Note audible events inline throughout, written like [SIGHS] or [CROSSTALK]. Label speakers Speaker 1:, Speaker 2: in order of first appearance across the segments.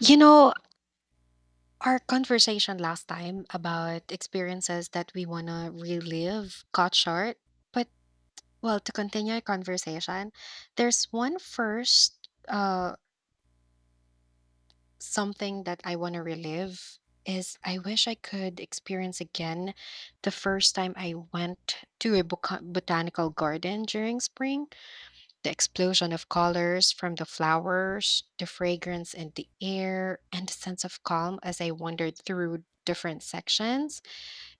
Speaker 1: You know, our conversation last time about experiences that we want to relive got short. But, well, to continue our conversation, there's one first something that I want to relive is I wish I could experience again the first time I went to a botanical garden during spring. The explosion of colors from the flowers, the fragrance in the air, and the sense of calm as I wandered through different sections.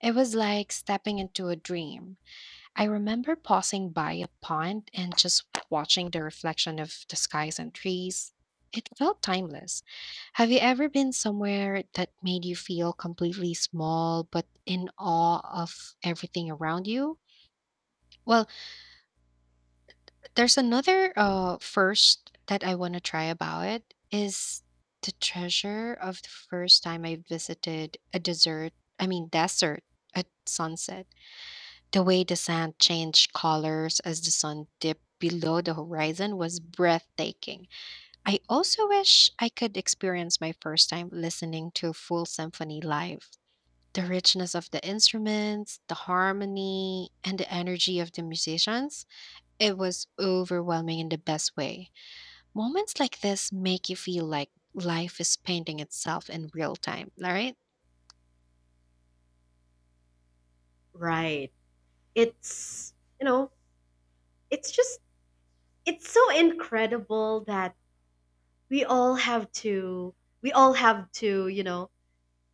Speaker 1: It was like stepping into a dream. I remember pausing by a pond and just watching the reflection of the skies and trees. It felt timeless. Have you ever been somewhere that made you feel completely small but in awe of everything around you? Well, there's another first that I want to try about it is the treasure of the first time I visited a desert, I mean desert at sunset. The way the sand changed colors as the sun dipped below the horizon was breathtaking. I also wish I could experience my first time listening to a full symphony live. The richness of the instruments, the harmony, and the energy of the musicians, it was overwhelming in the best way. Moments like this make you feel like life is painting itself in real time, all right?
Speaker 2: Right. It's, you know, it's just, it's so incredible that we all have to, we all have to, you know,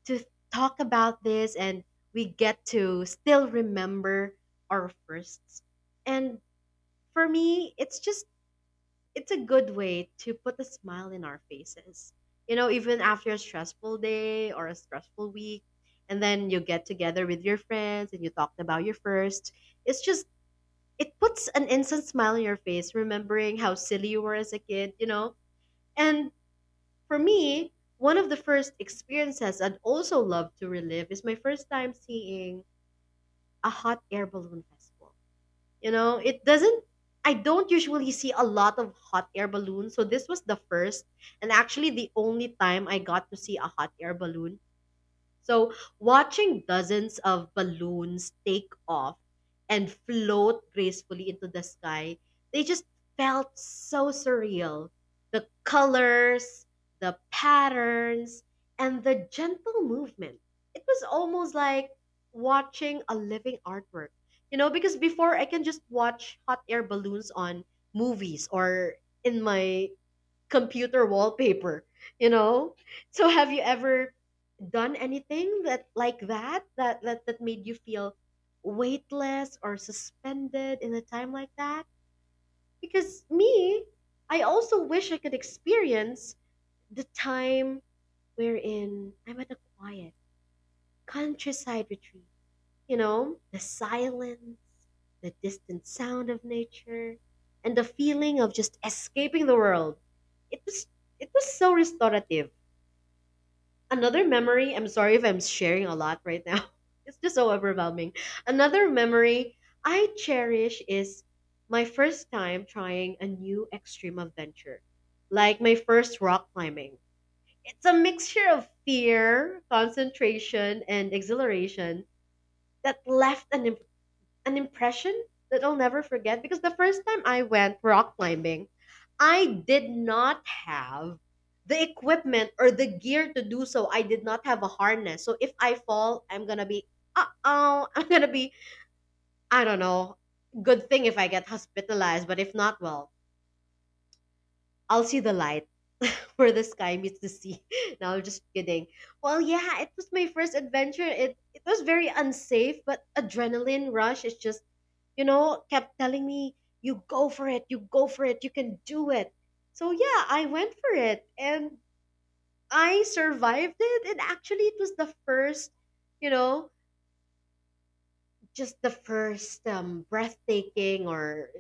Speaker 2: to talk about this, and we get to still remember our firsts. And for me, it's a good way to put a smile in our faces. You know, even after a stressful day or a stressful week, and then you get together with your friends and you talked about your first. It's just, it puts an instant smile on your face remembering how silly you were as a kid, you know? And for me, one of the first experiences I'd also love to relive is my first time seeing a hot air balloon festival. You know, it doesn't I don't usually see a lot of hot air balloons, so this was the first and actually the only time I got to see a hot air balloon, so watching dozens of balloons take off and float gracefully into the sky, they just felt so surreal. The colors, the patterns, and the gentle movement. It was almost like watching a living artwork. You know, because before I can just watch hot air balloons on movies or in my computer wallpaper, you know? So have you ever done anything that like that that that, that made you feel weightless or suspended in a time like that? Because me, I also wish I could experience the time wherein I'm at a quiet countryside retreat, you know, the silence, the distant sound of nature, and the feeling of just escaping the world. It was it was so restorative. Another memory, I'm sorry if I'm sharing a lot right now, [LAUGHS] it's just so overwhelming. Another memory I cherish is my first time trying a new extreme adventure, like my first rock climbing. It's a mixture of fear, concentration and exhilaration that left an impression that I'll never forget, because the first time I went rock climbing, I did not have the equipment or the gear to do so. I did not have a harness. So if I fall, I'm going to be, uh oh, [LAUGHS] I'm going to be, I don't know. Good thing if I get hospitalized, but if not, well, I'll see the light where the sky meets the sea. [LAUGHS] Now, just kidding. Well, yeah, it was my first adventure. It was very unsafe, but adrenaline rush is just, you know, kept telling me, "You go for it. You go for it. You can do it." So yeah, I went for it, and I survived it. And actually, it was the first, you know, just the first breathtaking or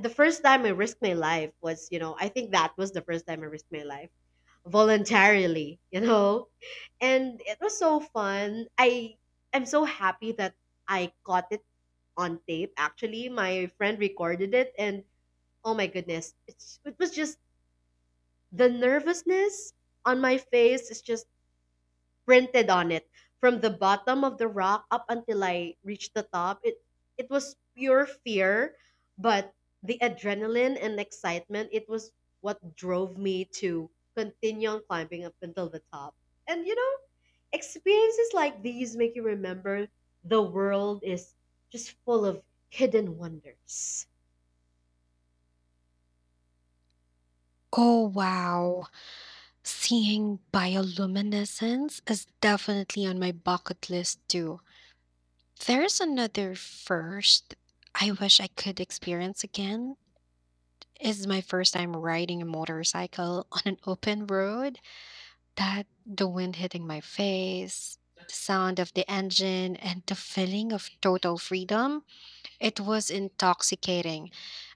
Speaker 2: the first time I risked my life was, you know, I think that was the first time I risked my life voluntarily, you know? And it was so fun. I'm so happy that I caught it on tape. Actually, my friend recorded it and oh my goodness, it was just the nervousness on my face is just printed on it from the bottom of the rock up until I reached the top. It was pure fear, but the adrenaline and excitement, it was what drove me to continue on climbing up until the top. And you know, experiences like these make you remember the world is just full of hidden wonders.
Speaker 1: Oh, wow. Seeing bioluminescence is definitely on my bucket list, too. There's another first I wish I could experience again. Is my first time riding a motorcycle on an open road. That the wind hitting my face, the sound of the engine, and the feeling of total freedom, it was intoxicating.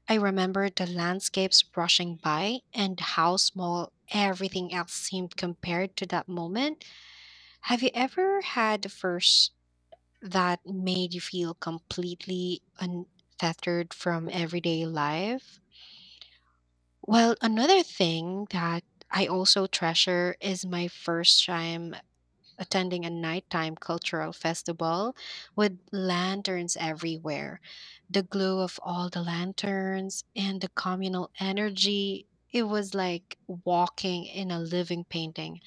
Speaker 1: I remember the landscapes brushing by and how small everything else seemed compared to that moment. Have you ever had a first that made you feel completely unfettered from everyday life? Well, another thing that I also treasure is my first time attending a nighttime cultural festival with lanterns everywhere. The glow of all the lanterns and the communal energy. It was like walking in a living painting.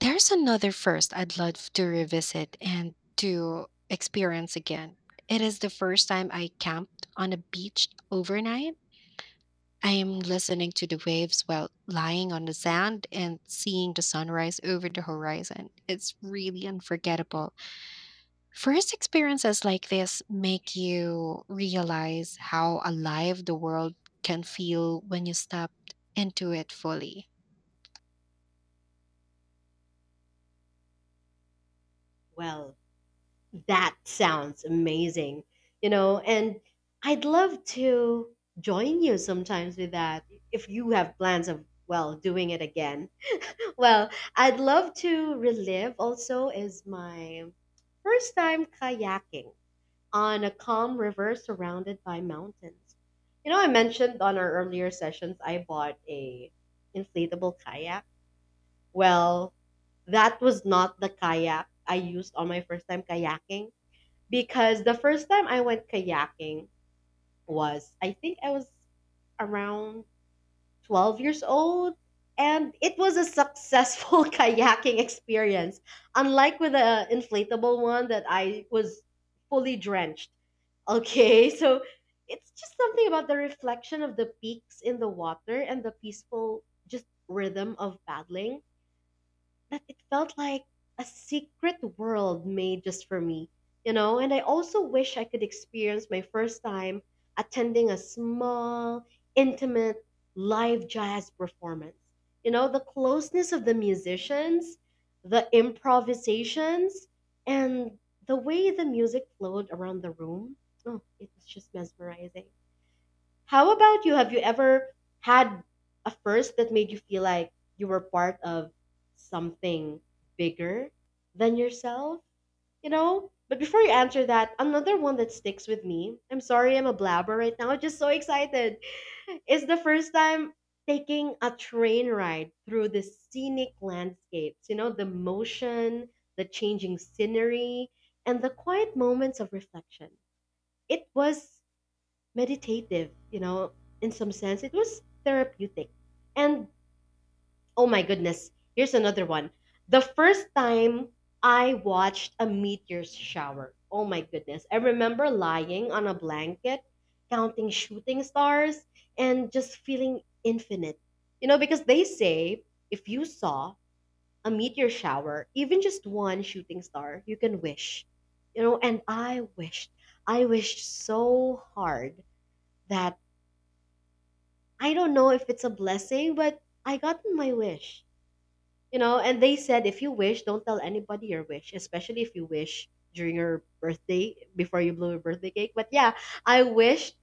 Speaker 1: There's another first I'd love to revisit and to experience again. It is the first time I camped on a beach overnight. I am listening to the waves while lying on the sand and seeing the sunrise over the horizon. It's really unforgettable. First experiences like this make you realize how alive the world can feel when you step into it fully.
Speaker 2: Well, that sounds amazing, you know, and I'd love to join you sometimes with that if you have plans of, well, doing it again. Well, I'd love to relive also is my first time kayaking on a calm river surrounded by mountains. You know, I mentioned on our earlier sessions I bought a inflatable kayak. Well, that was not the kayak I used on my first time kayaking, because the first time I went kayaking was, I think, I was around 12 years old, and it was a successful [LAUGHS] kayaking experience, unlike with the inflatable one that I was fully drenched, okay. [LAUGHS] So it's just something about the reflection of the peaks in the water and the peaceful just rhythm of paddling that it felt like a secret world made just for me, you know? And I also wish I could experience my first time attending a small, intimate, live jazz performance. You know, the closeness of the musicians, the improvisations, and the way the music flowed around the room. Oh, it was just mesmerizing. How about you? Have you ever had a first that made you feel like you were part of something bigger than yourself? You know? But before you answer that, another one that sticks with me, I'm sorry I'm a blabber right now, [LAUGHS] I'm just so excited, is the first time taking a train ride through the scenic landscapes. You know, the motion, the changing scenery, and the quiet moments of reflection. It was meditative, you know, in some sense, it was therapeutic. And oh my goodness, here's another one. The first time I watched a meteor's shower. Oh my goodness. I remember lying on a blanket, counting shooting stars, and just feeling infinite. You know, because they say if you saw a meteor shower, even just one shooting star, you can wish. You know, and I wished. I wished so hard that I don't know if it's a blessing, but I got my wish. You know, and they said if you wish, don't tell anybody your wish, especially if you wish during your birthday before you blow your birthday cake. But yeah, I wished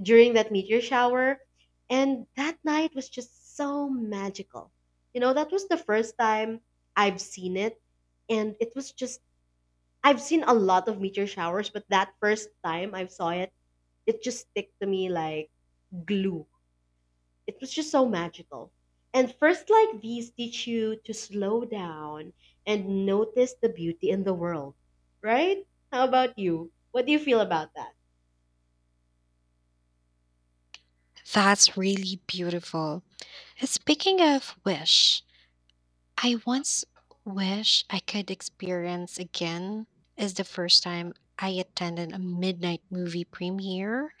Speaker 2: during that meteor shower, and that night was just so magical. You know, that was the first time I've seen it, and it was just I've seen a lot of meteor showers, but that first time I saw it, it just stick to me like glue, it was just so magical. And first like these teach you to slow down and notice the beauty in the world, right? How about you? What do you feel about that?
Speaker 1: That's really beautiful. Speaking of wish, I once wish I could experience again is the first time I attended a midnight movie premiere.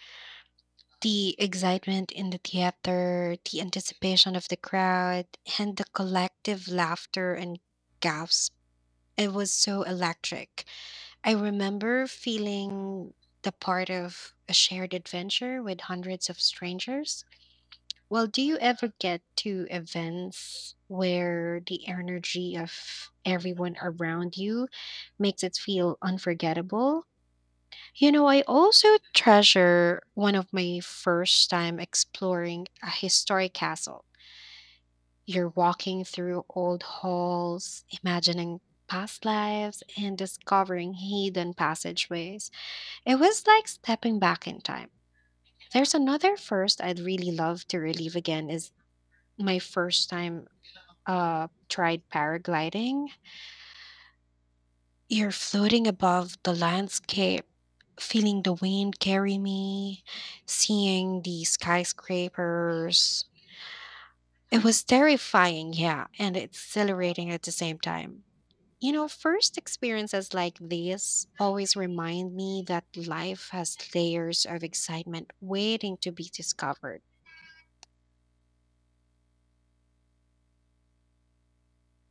Speaker 1: The excitement in the theater, the anticipation of the crowd, and the collective laughter and gasps. It was so electric. I remember feeling the part of a shared adventure with hundreds of strangers. Well, do you ever get to events where the energy of everyone around you makes it feel unforgettable? You know, I also treasure one of my first time exploring a historic castle. You're walking through old halls, imagining past lives, and discovering hidden passageways. It was like stepping back in time. There's another first I'd really love to relive again is my first time tried paragliding. You're floating above the landscape, feeling the wind carry me, seeing the skyscrapers. It was terrifying, yeah, and exhilarating at the same time. You know, first experiences like this always remind me that life has layers of excitement waiting to be discovered.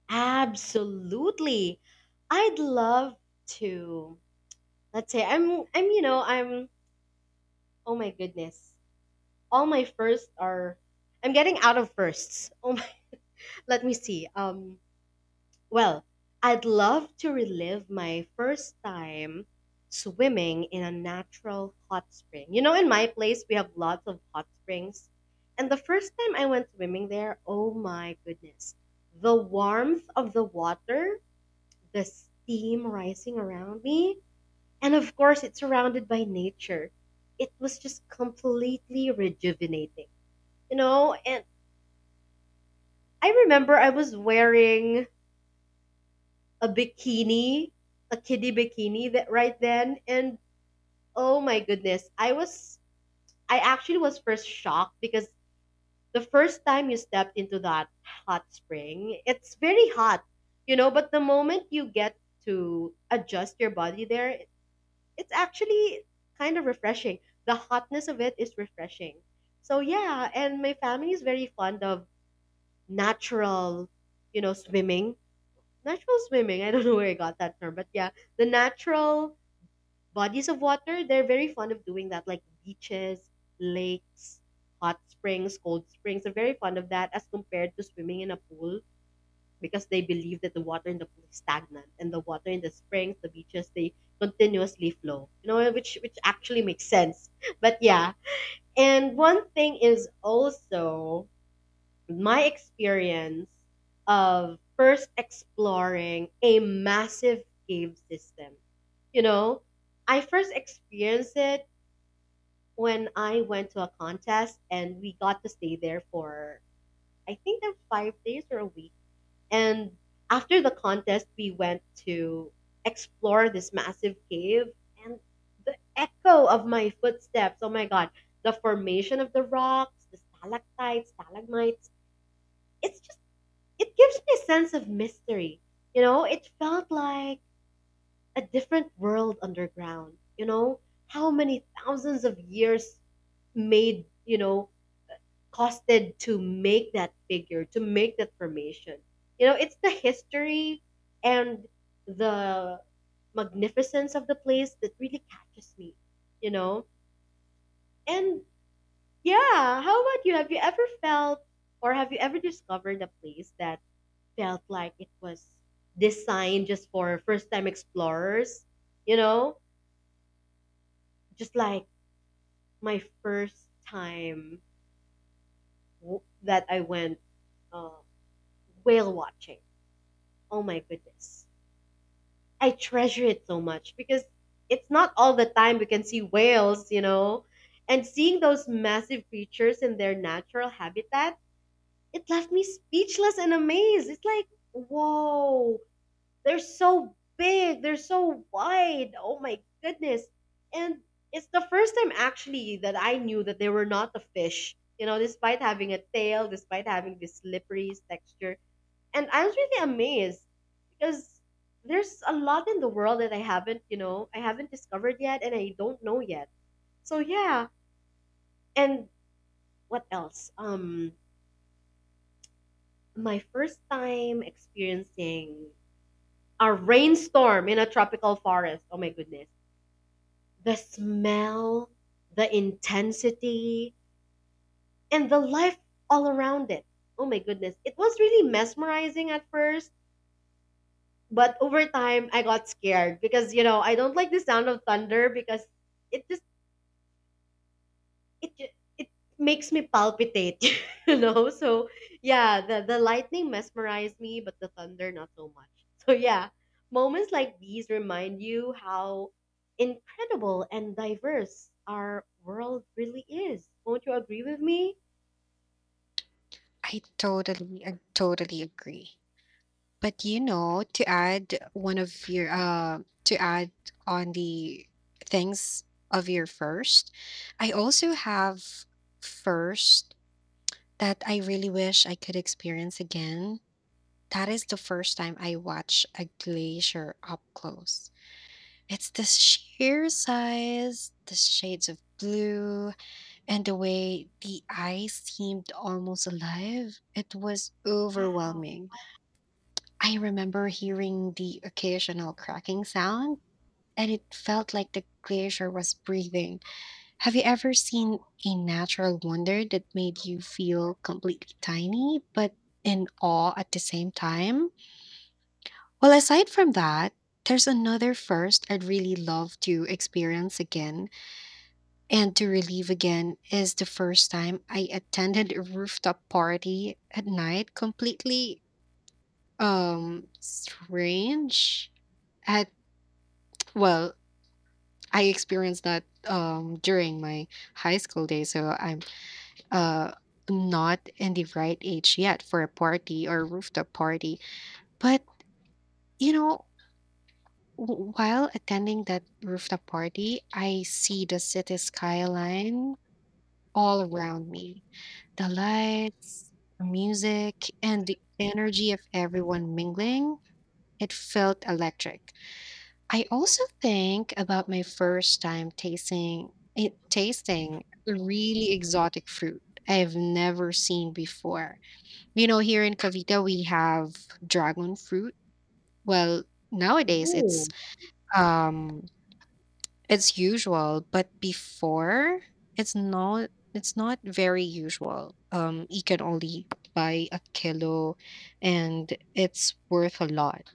Speaker 2: Absolutely. I'd love to. Let's say I'm you know, I'm oh my goodness. All my firsts are I'm getting out of firsts. Oh my, [LAUGHS] let me see. Well, I'd love to relive my first time swimming in a natural hot spring. You know, in my place, we have lots of hot springs. And the first time I went swimming there, oh my goodness, the warmth of the water, the steam rising around me, and of course, it's surrounded by nature. It was just completely rejuvenating, you know? And I remember I was wearing a bikini, a kiddie bikini that right then and oh my goodness, I actually was first shocked because the first time you stepped into that hot spring, it's very hot, you know, but the moment you get to adjust your body there, it's actually kind of refreshing. The hotness of it is refreshing. So yeah, and my family is very fond of natural, you know, swimming natural swimming. I don't know where I got that term, but yeah, the natural bodies of water, they're very fond of doing that, like beaches, lakes, hot springs, cold springs. They're very fond of that as compared to swimming in a pool, because they believe that the water in the pool is stagnant and the water in the springs, the beaches, they continuously flow. You know, which actually makes sense. [LAUGHS] But yeah. And one thing is also my experience of first exploring a massive cave system. You know, I first experienced it when I went to a contest and we got to stay there for, I think, that 5 days or a week. And after the contest, we went to explore this massive cave and the echo of my footsteps. Oh my God. The formation of the rocks, the stalactites, stalagmites. It's it gives me a sense of mystery. You know, it felt like a different world underground. You know, how many thousands of years made, you know, costed to make that figure, to make that formation. You know, it's the history and the magnificence of the place that really catches me, you know? And yeah, how about you? Have you ever felt or have you ever discovered a place that felt like it was designed just for first time explorers, you know? Just like my first time that I went uh, whale watching. Oh my goodness. I treasure it so much because it's not all the time we can see whales, you know? And seeing those massive creatures in their natural habitat, it left me speechless and amazed. It's like, whoa, they're so big, they're so wide. Oh my goodness. And it's the first time actually that I knew that they were not a fish, you know, despite having a tail, despite having this slippery texture. And I was really amazed because there's a lot in the world that I haven't discovered yet and I don't know yet. So yeah. And what else? My first time experiencing a rainstorm in a tropical forest. Oh my goodness. The smell, the intensity, and the life all around it. Oh my goodness. It was really mesmerizing at first, but over time I got scared because, you know, I don't like the sound of thunder because it just it ju- it makes me palpitate, [LAUGHS] you know. So yeah, the lightning mesmerized me, but the thunder not so much. [LAUGHS] So yeah, moments like these remind you how incredible and diverse our world really is. Won't you agree with me?
Speaker 1: I totally agree. But you know, to add one of your to add on the things of your first, I also have first that I really wish I could experience again. That is the first time I watched a glacier up close. It's the sheer size, the shades of blue, and the way the ice seemed almost alive. It was
Speaker 2: Wow.
Speaker 1: overwhelming. I remember hearing the occasional cracking sound, and it felt like the glacier was breathing. Have you ever seen a natural wonder that made you feel completely tiny, but in awe at the same time? Well, aside from that, there's another first I'd really love to experience again and to relive again is the first time I attended a rooftop party at night, completely strange at. Well, I experienced that during my high school days. So I'm uh, not in the right age yet for a party or rooftop party. But, you know, while attending that rooftop party, I see the city skyline all around me, the lights, the music, and the energy of everyone mingling. It felt electric. I also think about my first time tasting really exotic fruit I've never seen before. You know, here in Cavite we have dragon fruit. Well, nowadays
Speaker 2: Ooh,
Speaker 1: um it's usual, but before it's not very usual. You can only buy a kilo and it's worth a lot.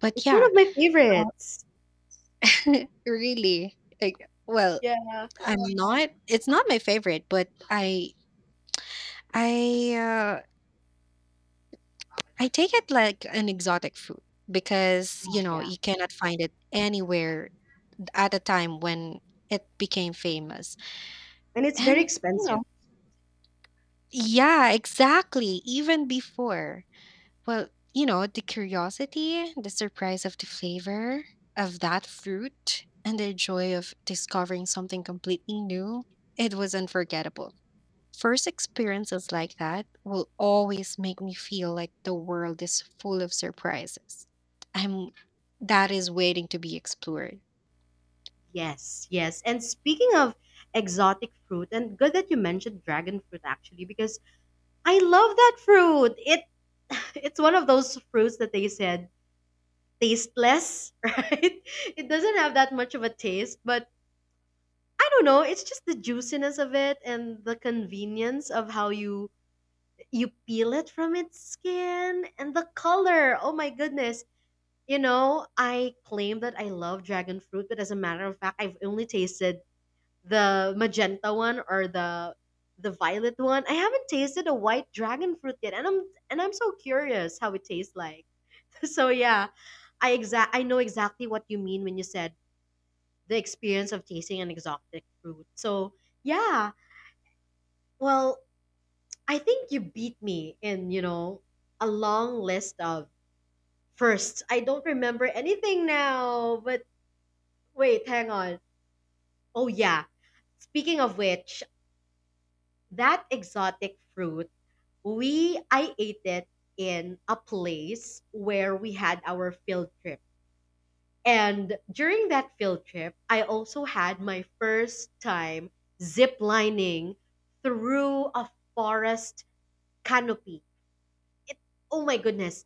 Speaker 1: But
Speaker 2: it's one
Speaker 1: yeah,
Speaker 2: of my
Speaker 1: [LAUGHS]
Speaker 2: favorites.
Speaker 1: really like, well,
Speaker 2: Yeah.
Speaker 1: I'm not, it's not my favorite, but I, uh, I take it like an exotic food because, you know,
Speaker 2: Yeah.
Speaker 1: you cannot find it anywhere at a time when it became famous.
Speaker 2: And it's very
Speaker 1: And, you
Speaker 2: expensive.
Speaker 1: know, yeah, exactly, even before. Well, you know, the curiosity, the surprise of the flavor of that fruit, and the joy of discovering something completely new, it was unforgettable. First experiences like that will always make me feel like the world is full of surprises. I'm that is waiting to be explored.
Speaker 2: Yes, yes. And speaking of exotic fruit, and good that you mentioned dragon fruit actually, because I love that fruit. It [SIGHS] [LAUGHS] it's one of those fruits that they said tasteless, [LAUGHS] right? It doesn't have that much of a taste, but I don't know, it's just the juiciness of it and the convenience of how you peel it from its skin and the color. Oh my goodness. You know, I claim that I love dragon fruit, but as a matter of fact, I've only tasted the magenta one or the violet one. I haven't tasted a white dragon fruit yet, and I'm so curious how it tastes like. [LAUGHS] So yeah, I know exactly what you mean when you said the experience of tasting an exotic fruit. So yeah, well, I think you beat me in, you know, a long list of firsts. I don't remember anything now, but wait, hang on. Oh yeah, speaking of which, that exotic fruit. We I ate it in a place where we had our field trip. And during that field trip, I also had my first time zip lining through a forest canopy. It, oh my goodness.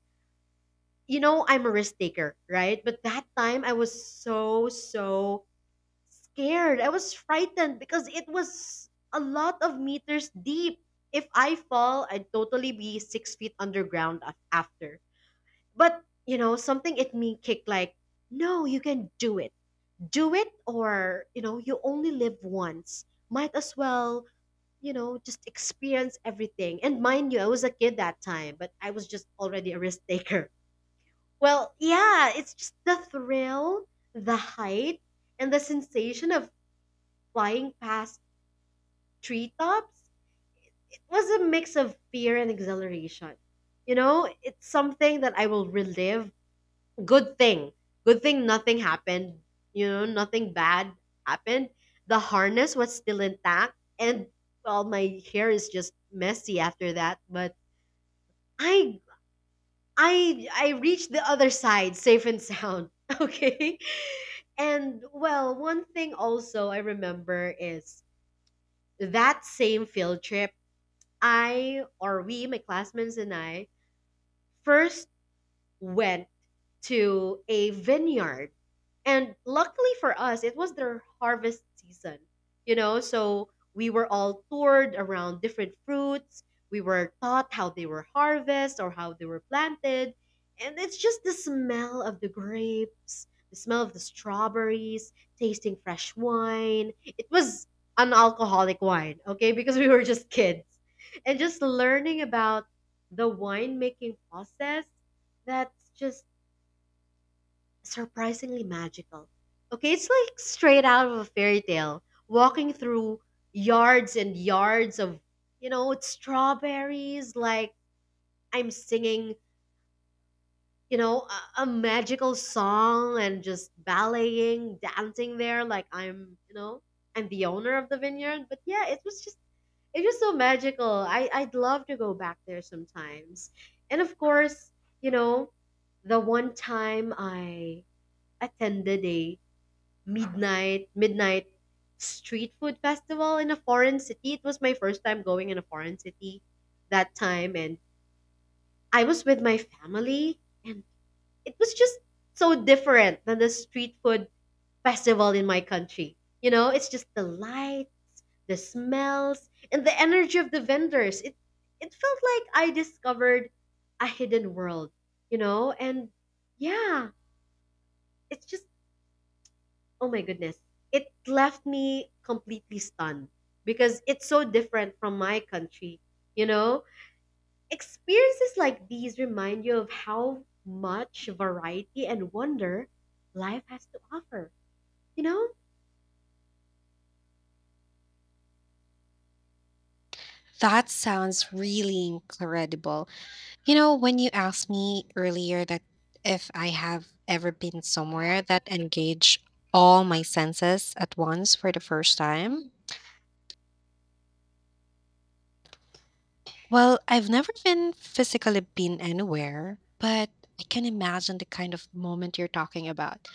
Speaker 2: You know, I'm a risk taker, right? But that time I was so, so scared. I was frightened because it was a lot of meters deep if I fall, I'd totally be six feet underground after. But, you know, something it me kicked like, no, you can do it. Do it or, you know, you only live once. Might as well, you know, just experience everything. And mind you, I was a kid that time, but I was just already a risk taker. [LAUGHS] Well, yeah, it's just the thrill, the height, and the sensation of flying past treetops. It was a mix of fear and exhilaration. You know, it's something that I will relive. Good thing good thing nothing happened, you know, nothing bad happened. The harness was still intact, and well, my hair is just messy after that, but i I reached the other side safe and sound. [LAUGHS] Okay, and well, one thing also I remember is that same field trip, I or we, my classmates and I, first went to a vineyard. And luckily for us, it was their harvest season, you know, so we were all toured around different fruits. We were taught how they were harvested or how they were planted. And it's just the smell of the grapes, the smell of the strawberries, tasting fresh wine. It was an alcoholic wine, okay, because we were just kids. And just learning about the winemaking process, that's just surprisingly magical. Okay, it's like straight out of a fairy tale, walking through yards and yards of, you know, it's strawberries, like I'm singing, you know, a magical song and just balleting, dancing there, like I'm, you know, I'm the owner of the vineyard. But yeah, it was just, it was so magical. I'd love to go back there sometimes. And of course, you know, the one time I attended a midnight street food festival in a foreign city. It was my first time going in a foreign city that time, and I was with my family, and it was just so different than the street food festival in my country. You know, it's just the light, the smells, and the energy of the vendors. It felt like I discovered a hidden world, you know? And yeah, it's just, oh my goodness. It left me completely stunned because it's so different from my country. You know, experiences like these remind you of how much variety and wonder life has to offer. You know?
Speaker 1: That sounds really incredible. You know, when you asked me earlier that if I have ever been somewhere that engaged all my senses at once for the first time, well, I've never been physically been anywhere, but I can imagine the kind of moment you're talking about,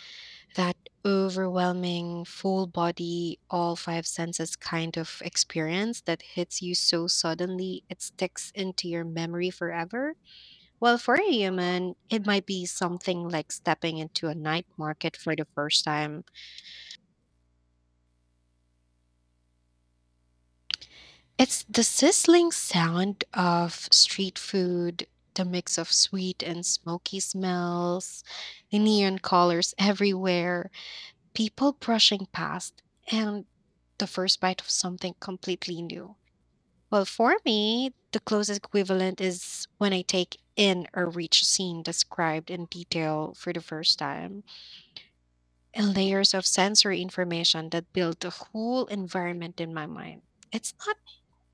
Speaker 1: that overwhelming full body all five senses kind of experience that hits you so suddenly it sticks into your memory forever. Well, for a human it might be something like stepping into a night market for the first time. It's the sizzling sound of street food, the mix of sweet and smoky smells, the neon colors everywhere, people brushing past, and the first bite of something completely new. Well, for me, the closest equivalent is when I take in or reach a rich scene described in detail for the first time and layers of sensory information that build the whole environment in my mind. It's not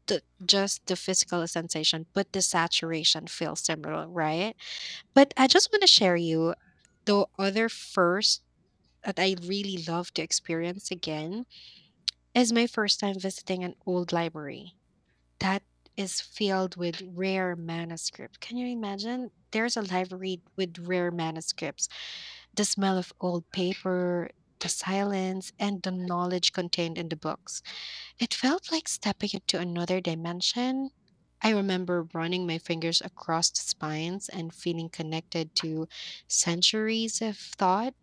Speaker 1: just the physical sensation, but the saturation feels similar, right? But I just want to share you the other first that I really love to experience again. It's my first time visiting an old library that is filled with rare manuscripts. Can you imagine? There's a library with rare manuscripts. The smell of old paper, the silence, and the knowledge contained in the books. It felt like stepping into another dimension. I remember running my fingers across the spines and feeling connected to centuries of thought.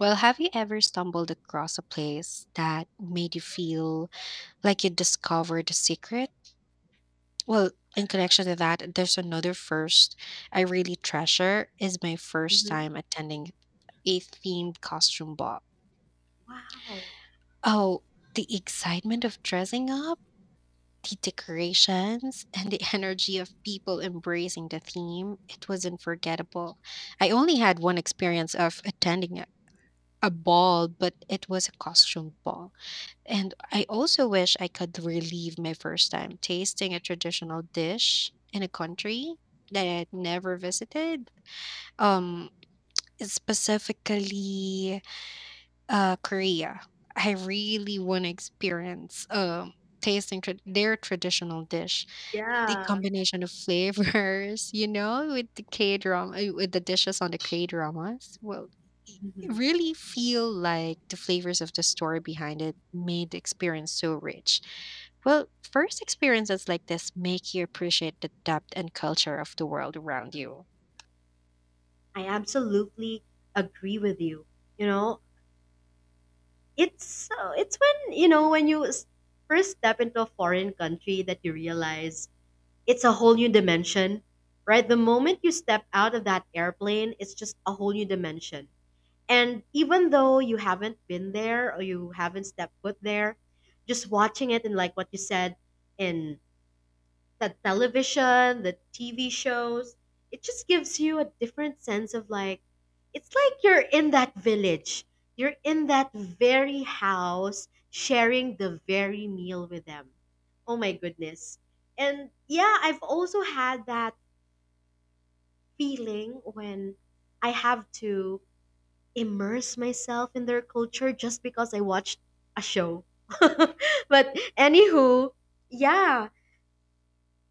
Speaker 1: Well, have you ever stumbled across a place that made you feel like you discovered the secret. Well, in connection to that, there's another first I really treasure is my first
Speaker 2: Hmm.
Speaker 1: time attending a themed costume ball.
Speaker 2: Wow.
Speaker 1: Oh, the excitement of dressing up, the decorations, and the energy of people embracing the theme, it was unforgettable. I only had one experience of attending a ball, but it was a costume ball. And I also wish I could relive my first time tasting a traditional dish in a country that I'd never visited. Um, specifically Korea. I really want to experience tasting their traditional dish. The
Speaker 2: Yeah.
Speaker 1: combination of flavors, [LAUGHS] you know, with the K drama, with the dishes on the K dramas, will
Speaker 2: Hmm.
Speaker 1: really feel like the flavors of the story behind it made the experience so rich. Well, first experiences like this make you appreciate the depth and culture of the world around you.
Speaker 2: I absolutely agree with you. You know, it's when, you know, when first step into a foreign country that you realize it's a whole new dimension, right? The moment you step out of that airplane, it's just a whole new dimension. And even though you haven't been there or you haven't stepped foot there, just watching it and like what you said in the television, the TV shows. It just gives you a different sense of, like, it's like you're in that village. You're in that very house, sharing the very meal with them. Oh my goodness. And yeah, I've also had that feeling when I have to immerse myself in their culture just because I watched a show. [LAUGHS] But anywho, yeah,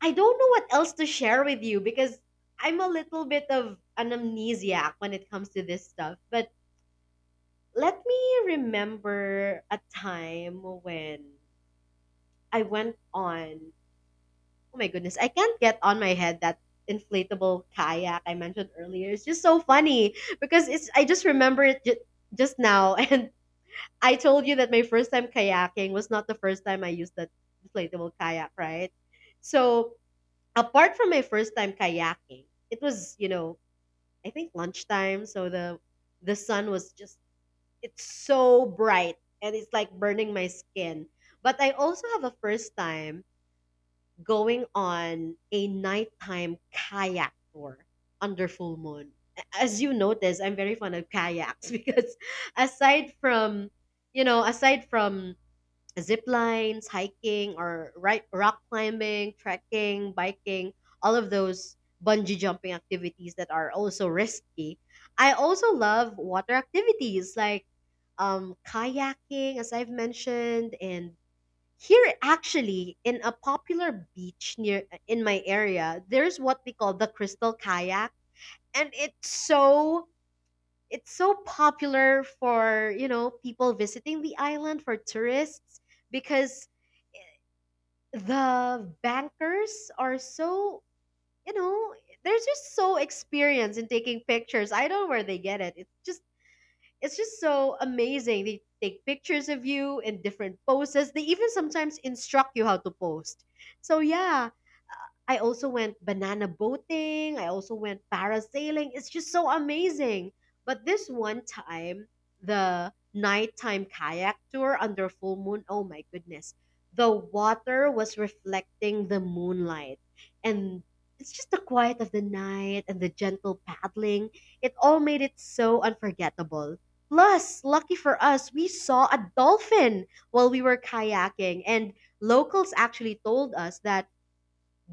Speaker 2: I don't know what else to share with you because I'm a little bit of an amnesiac when it comes to this stuff. But let me remember a time when I went on. Oh my goodness, I can't get on my head that inflatable kayak I mentioned earlier. It's just so funny because it's I just remember just now [LAUGHS] and I told you that my first time kayaking was not the first time I used that inflatable kayak, right? So apart from my first time kayaking, it was, you know, I think lunchtime, so the sun was just, it's so bright and it's like burning my skin. But I also have a first time going on a nighttime kayak tour under full moon. As you notice, I'm very fond of kayaks [LAUGHS] because aside from, aside from zip lines, hiking, or right, rock climbing, trekking, biking, all of those bungee jumping activities that are also risky. I also love water activities like kayaking, as I've mentioned, and here actually in a popular beach near in my area, there's what we call the crystal kayak, and it's so popular for, you know, people visiting the island, for tourists, because the bankers are so, you know, they're just so experienced in taking pictures. I don't know where they get it. It's just so amazing. They take pictures of you in different poses. They even sometimes instruct you how to post. So yeah, I also went banana boating. I also went parasailing. It's just so amazing. But this one time, the nighttime kayak tour under full moon, oh my goodness. The water was reflecting the moonlight. And it's just the quiet of the night and the gentle paddling. It all made it so unforgettable. Plus, lucky for us, we saw a dolphin while we were kayaking. And locals actually told us that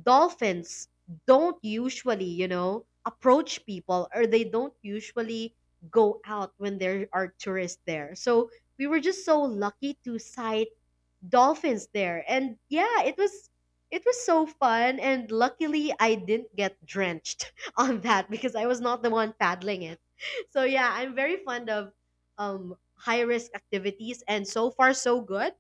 Speaker 2: dolphins don't usually, you know, approach people, or they don't usually go out when there are tourists there. So we were just so lucky to sight dolphins there. And yeah, it was so fun, and luckily I didn't get drenched [LAUGHS] on that because I was not the one paddling it. So yeah, I'm very fond of high risk activities, and so far so good.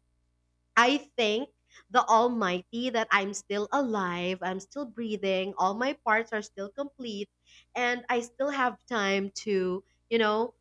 Speaker 2: I thank the Almighty that I'm still alive, I'm still breathing, all my parts are still complete, and I still have time to, you know,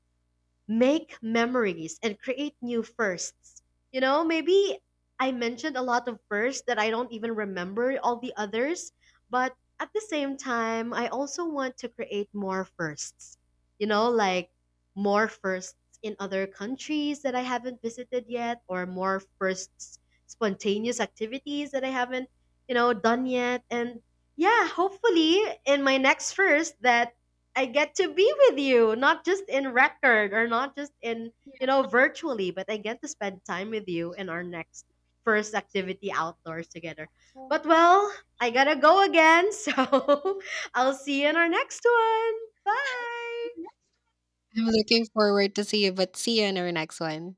Speaker 2: make memories and create new firsts. You know, maybe I mentioned a lot of firsts that I don't even remember all the others, but at the same time, I also want to create more firsts. You know, like more firsts in other countries that I haven't visited yet, or more firsts, spontaneous activities that I haven't, you know, done yet. And yeah, hopefully in my next first that I get to be with you, not just in record or not just in, you know, virtually, but I get to spend time with you in our next first activity outdoors together. But well, I gotta go again, so [LAUGHS] I'll see you in our next one. Bye.
Speaker 1: I'm looking forward to see you, but see you in our next one.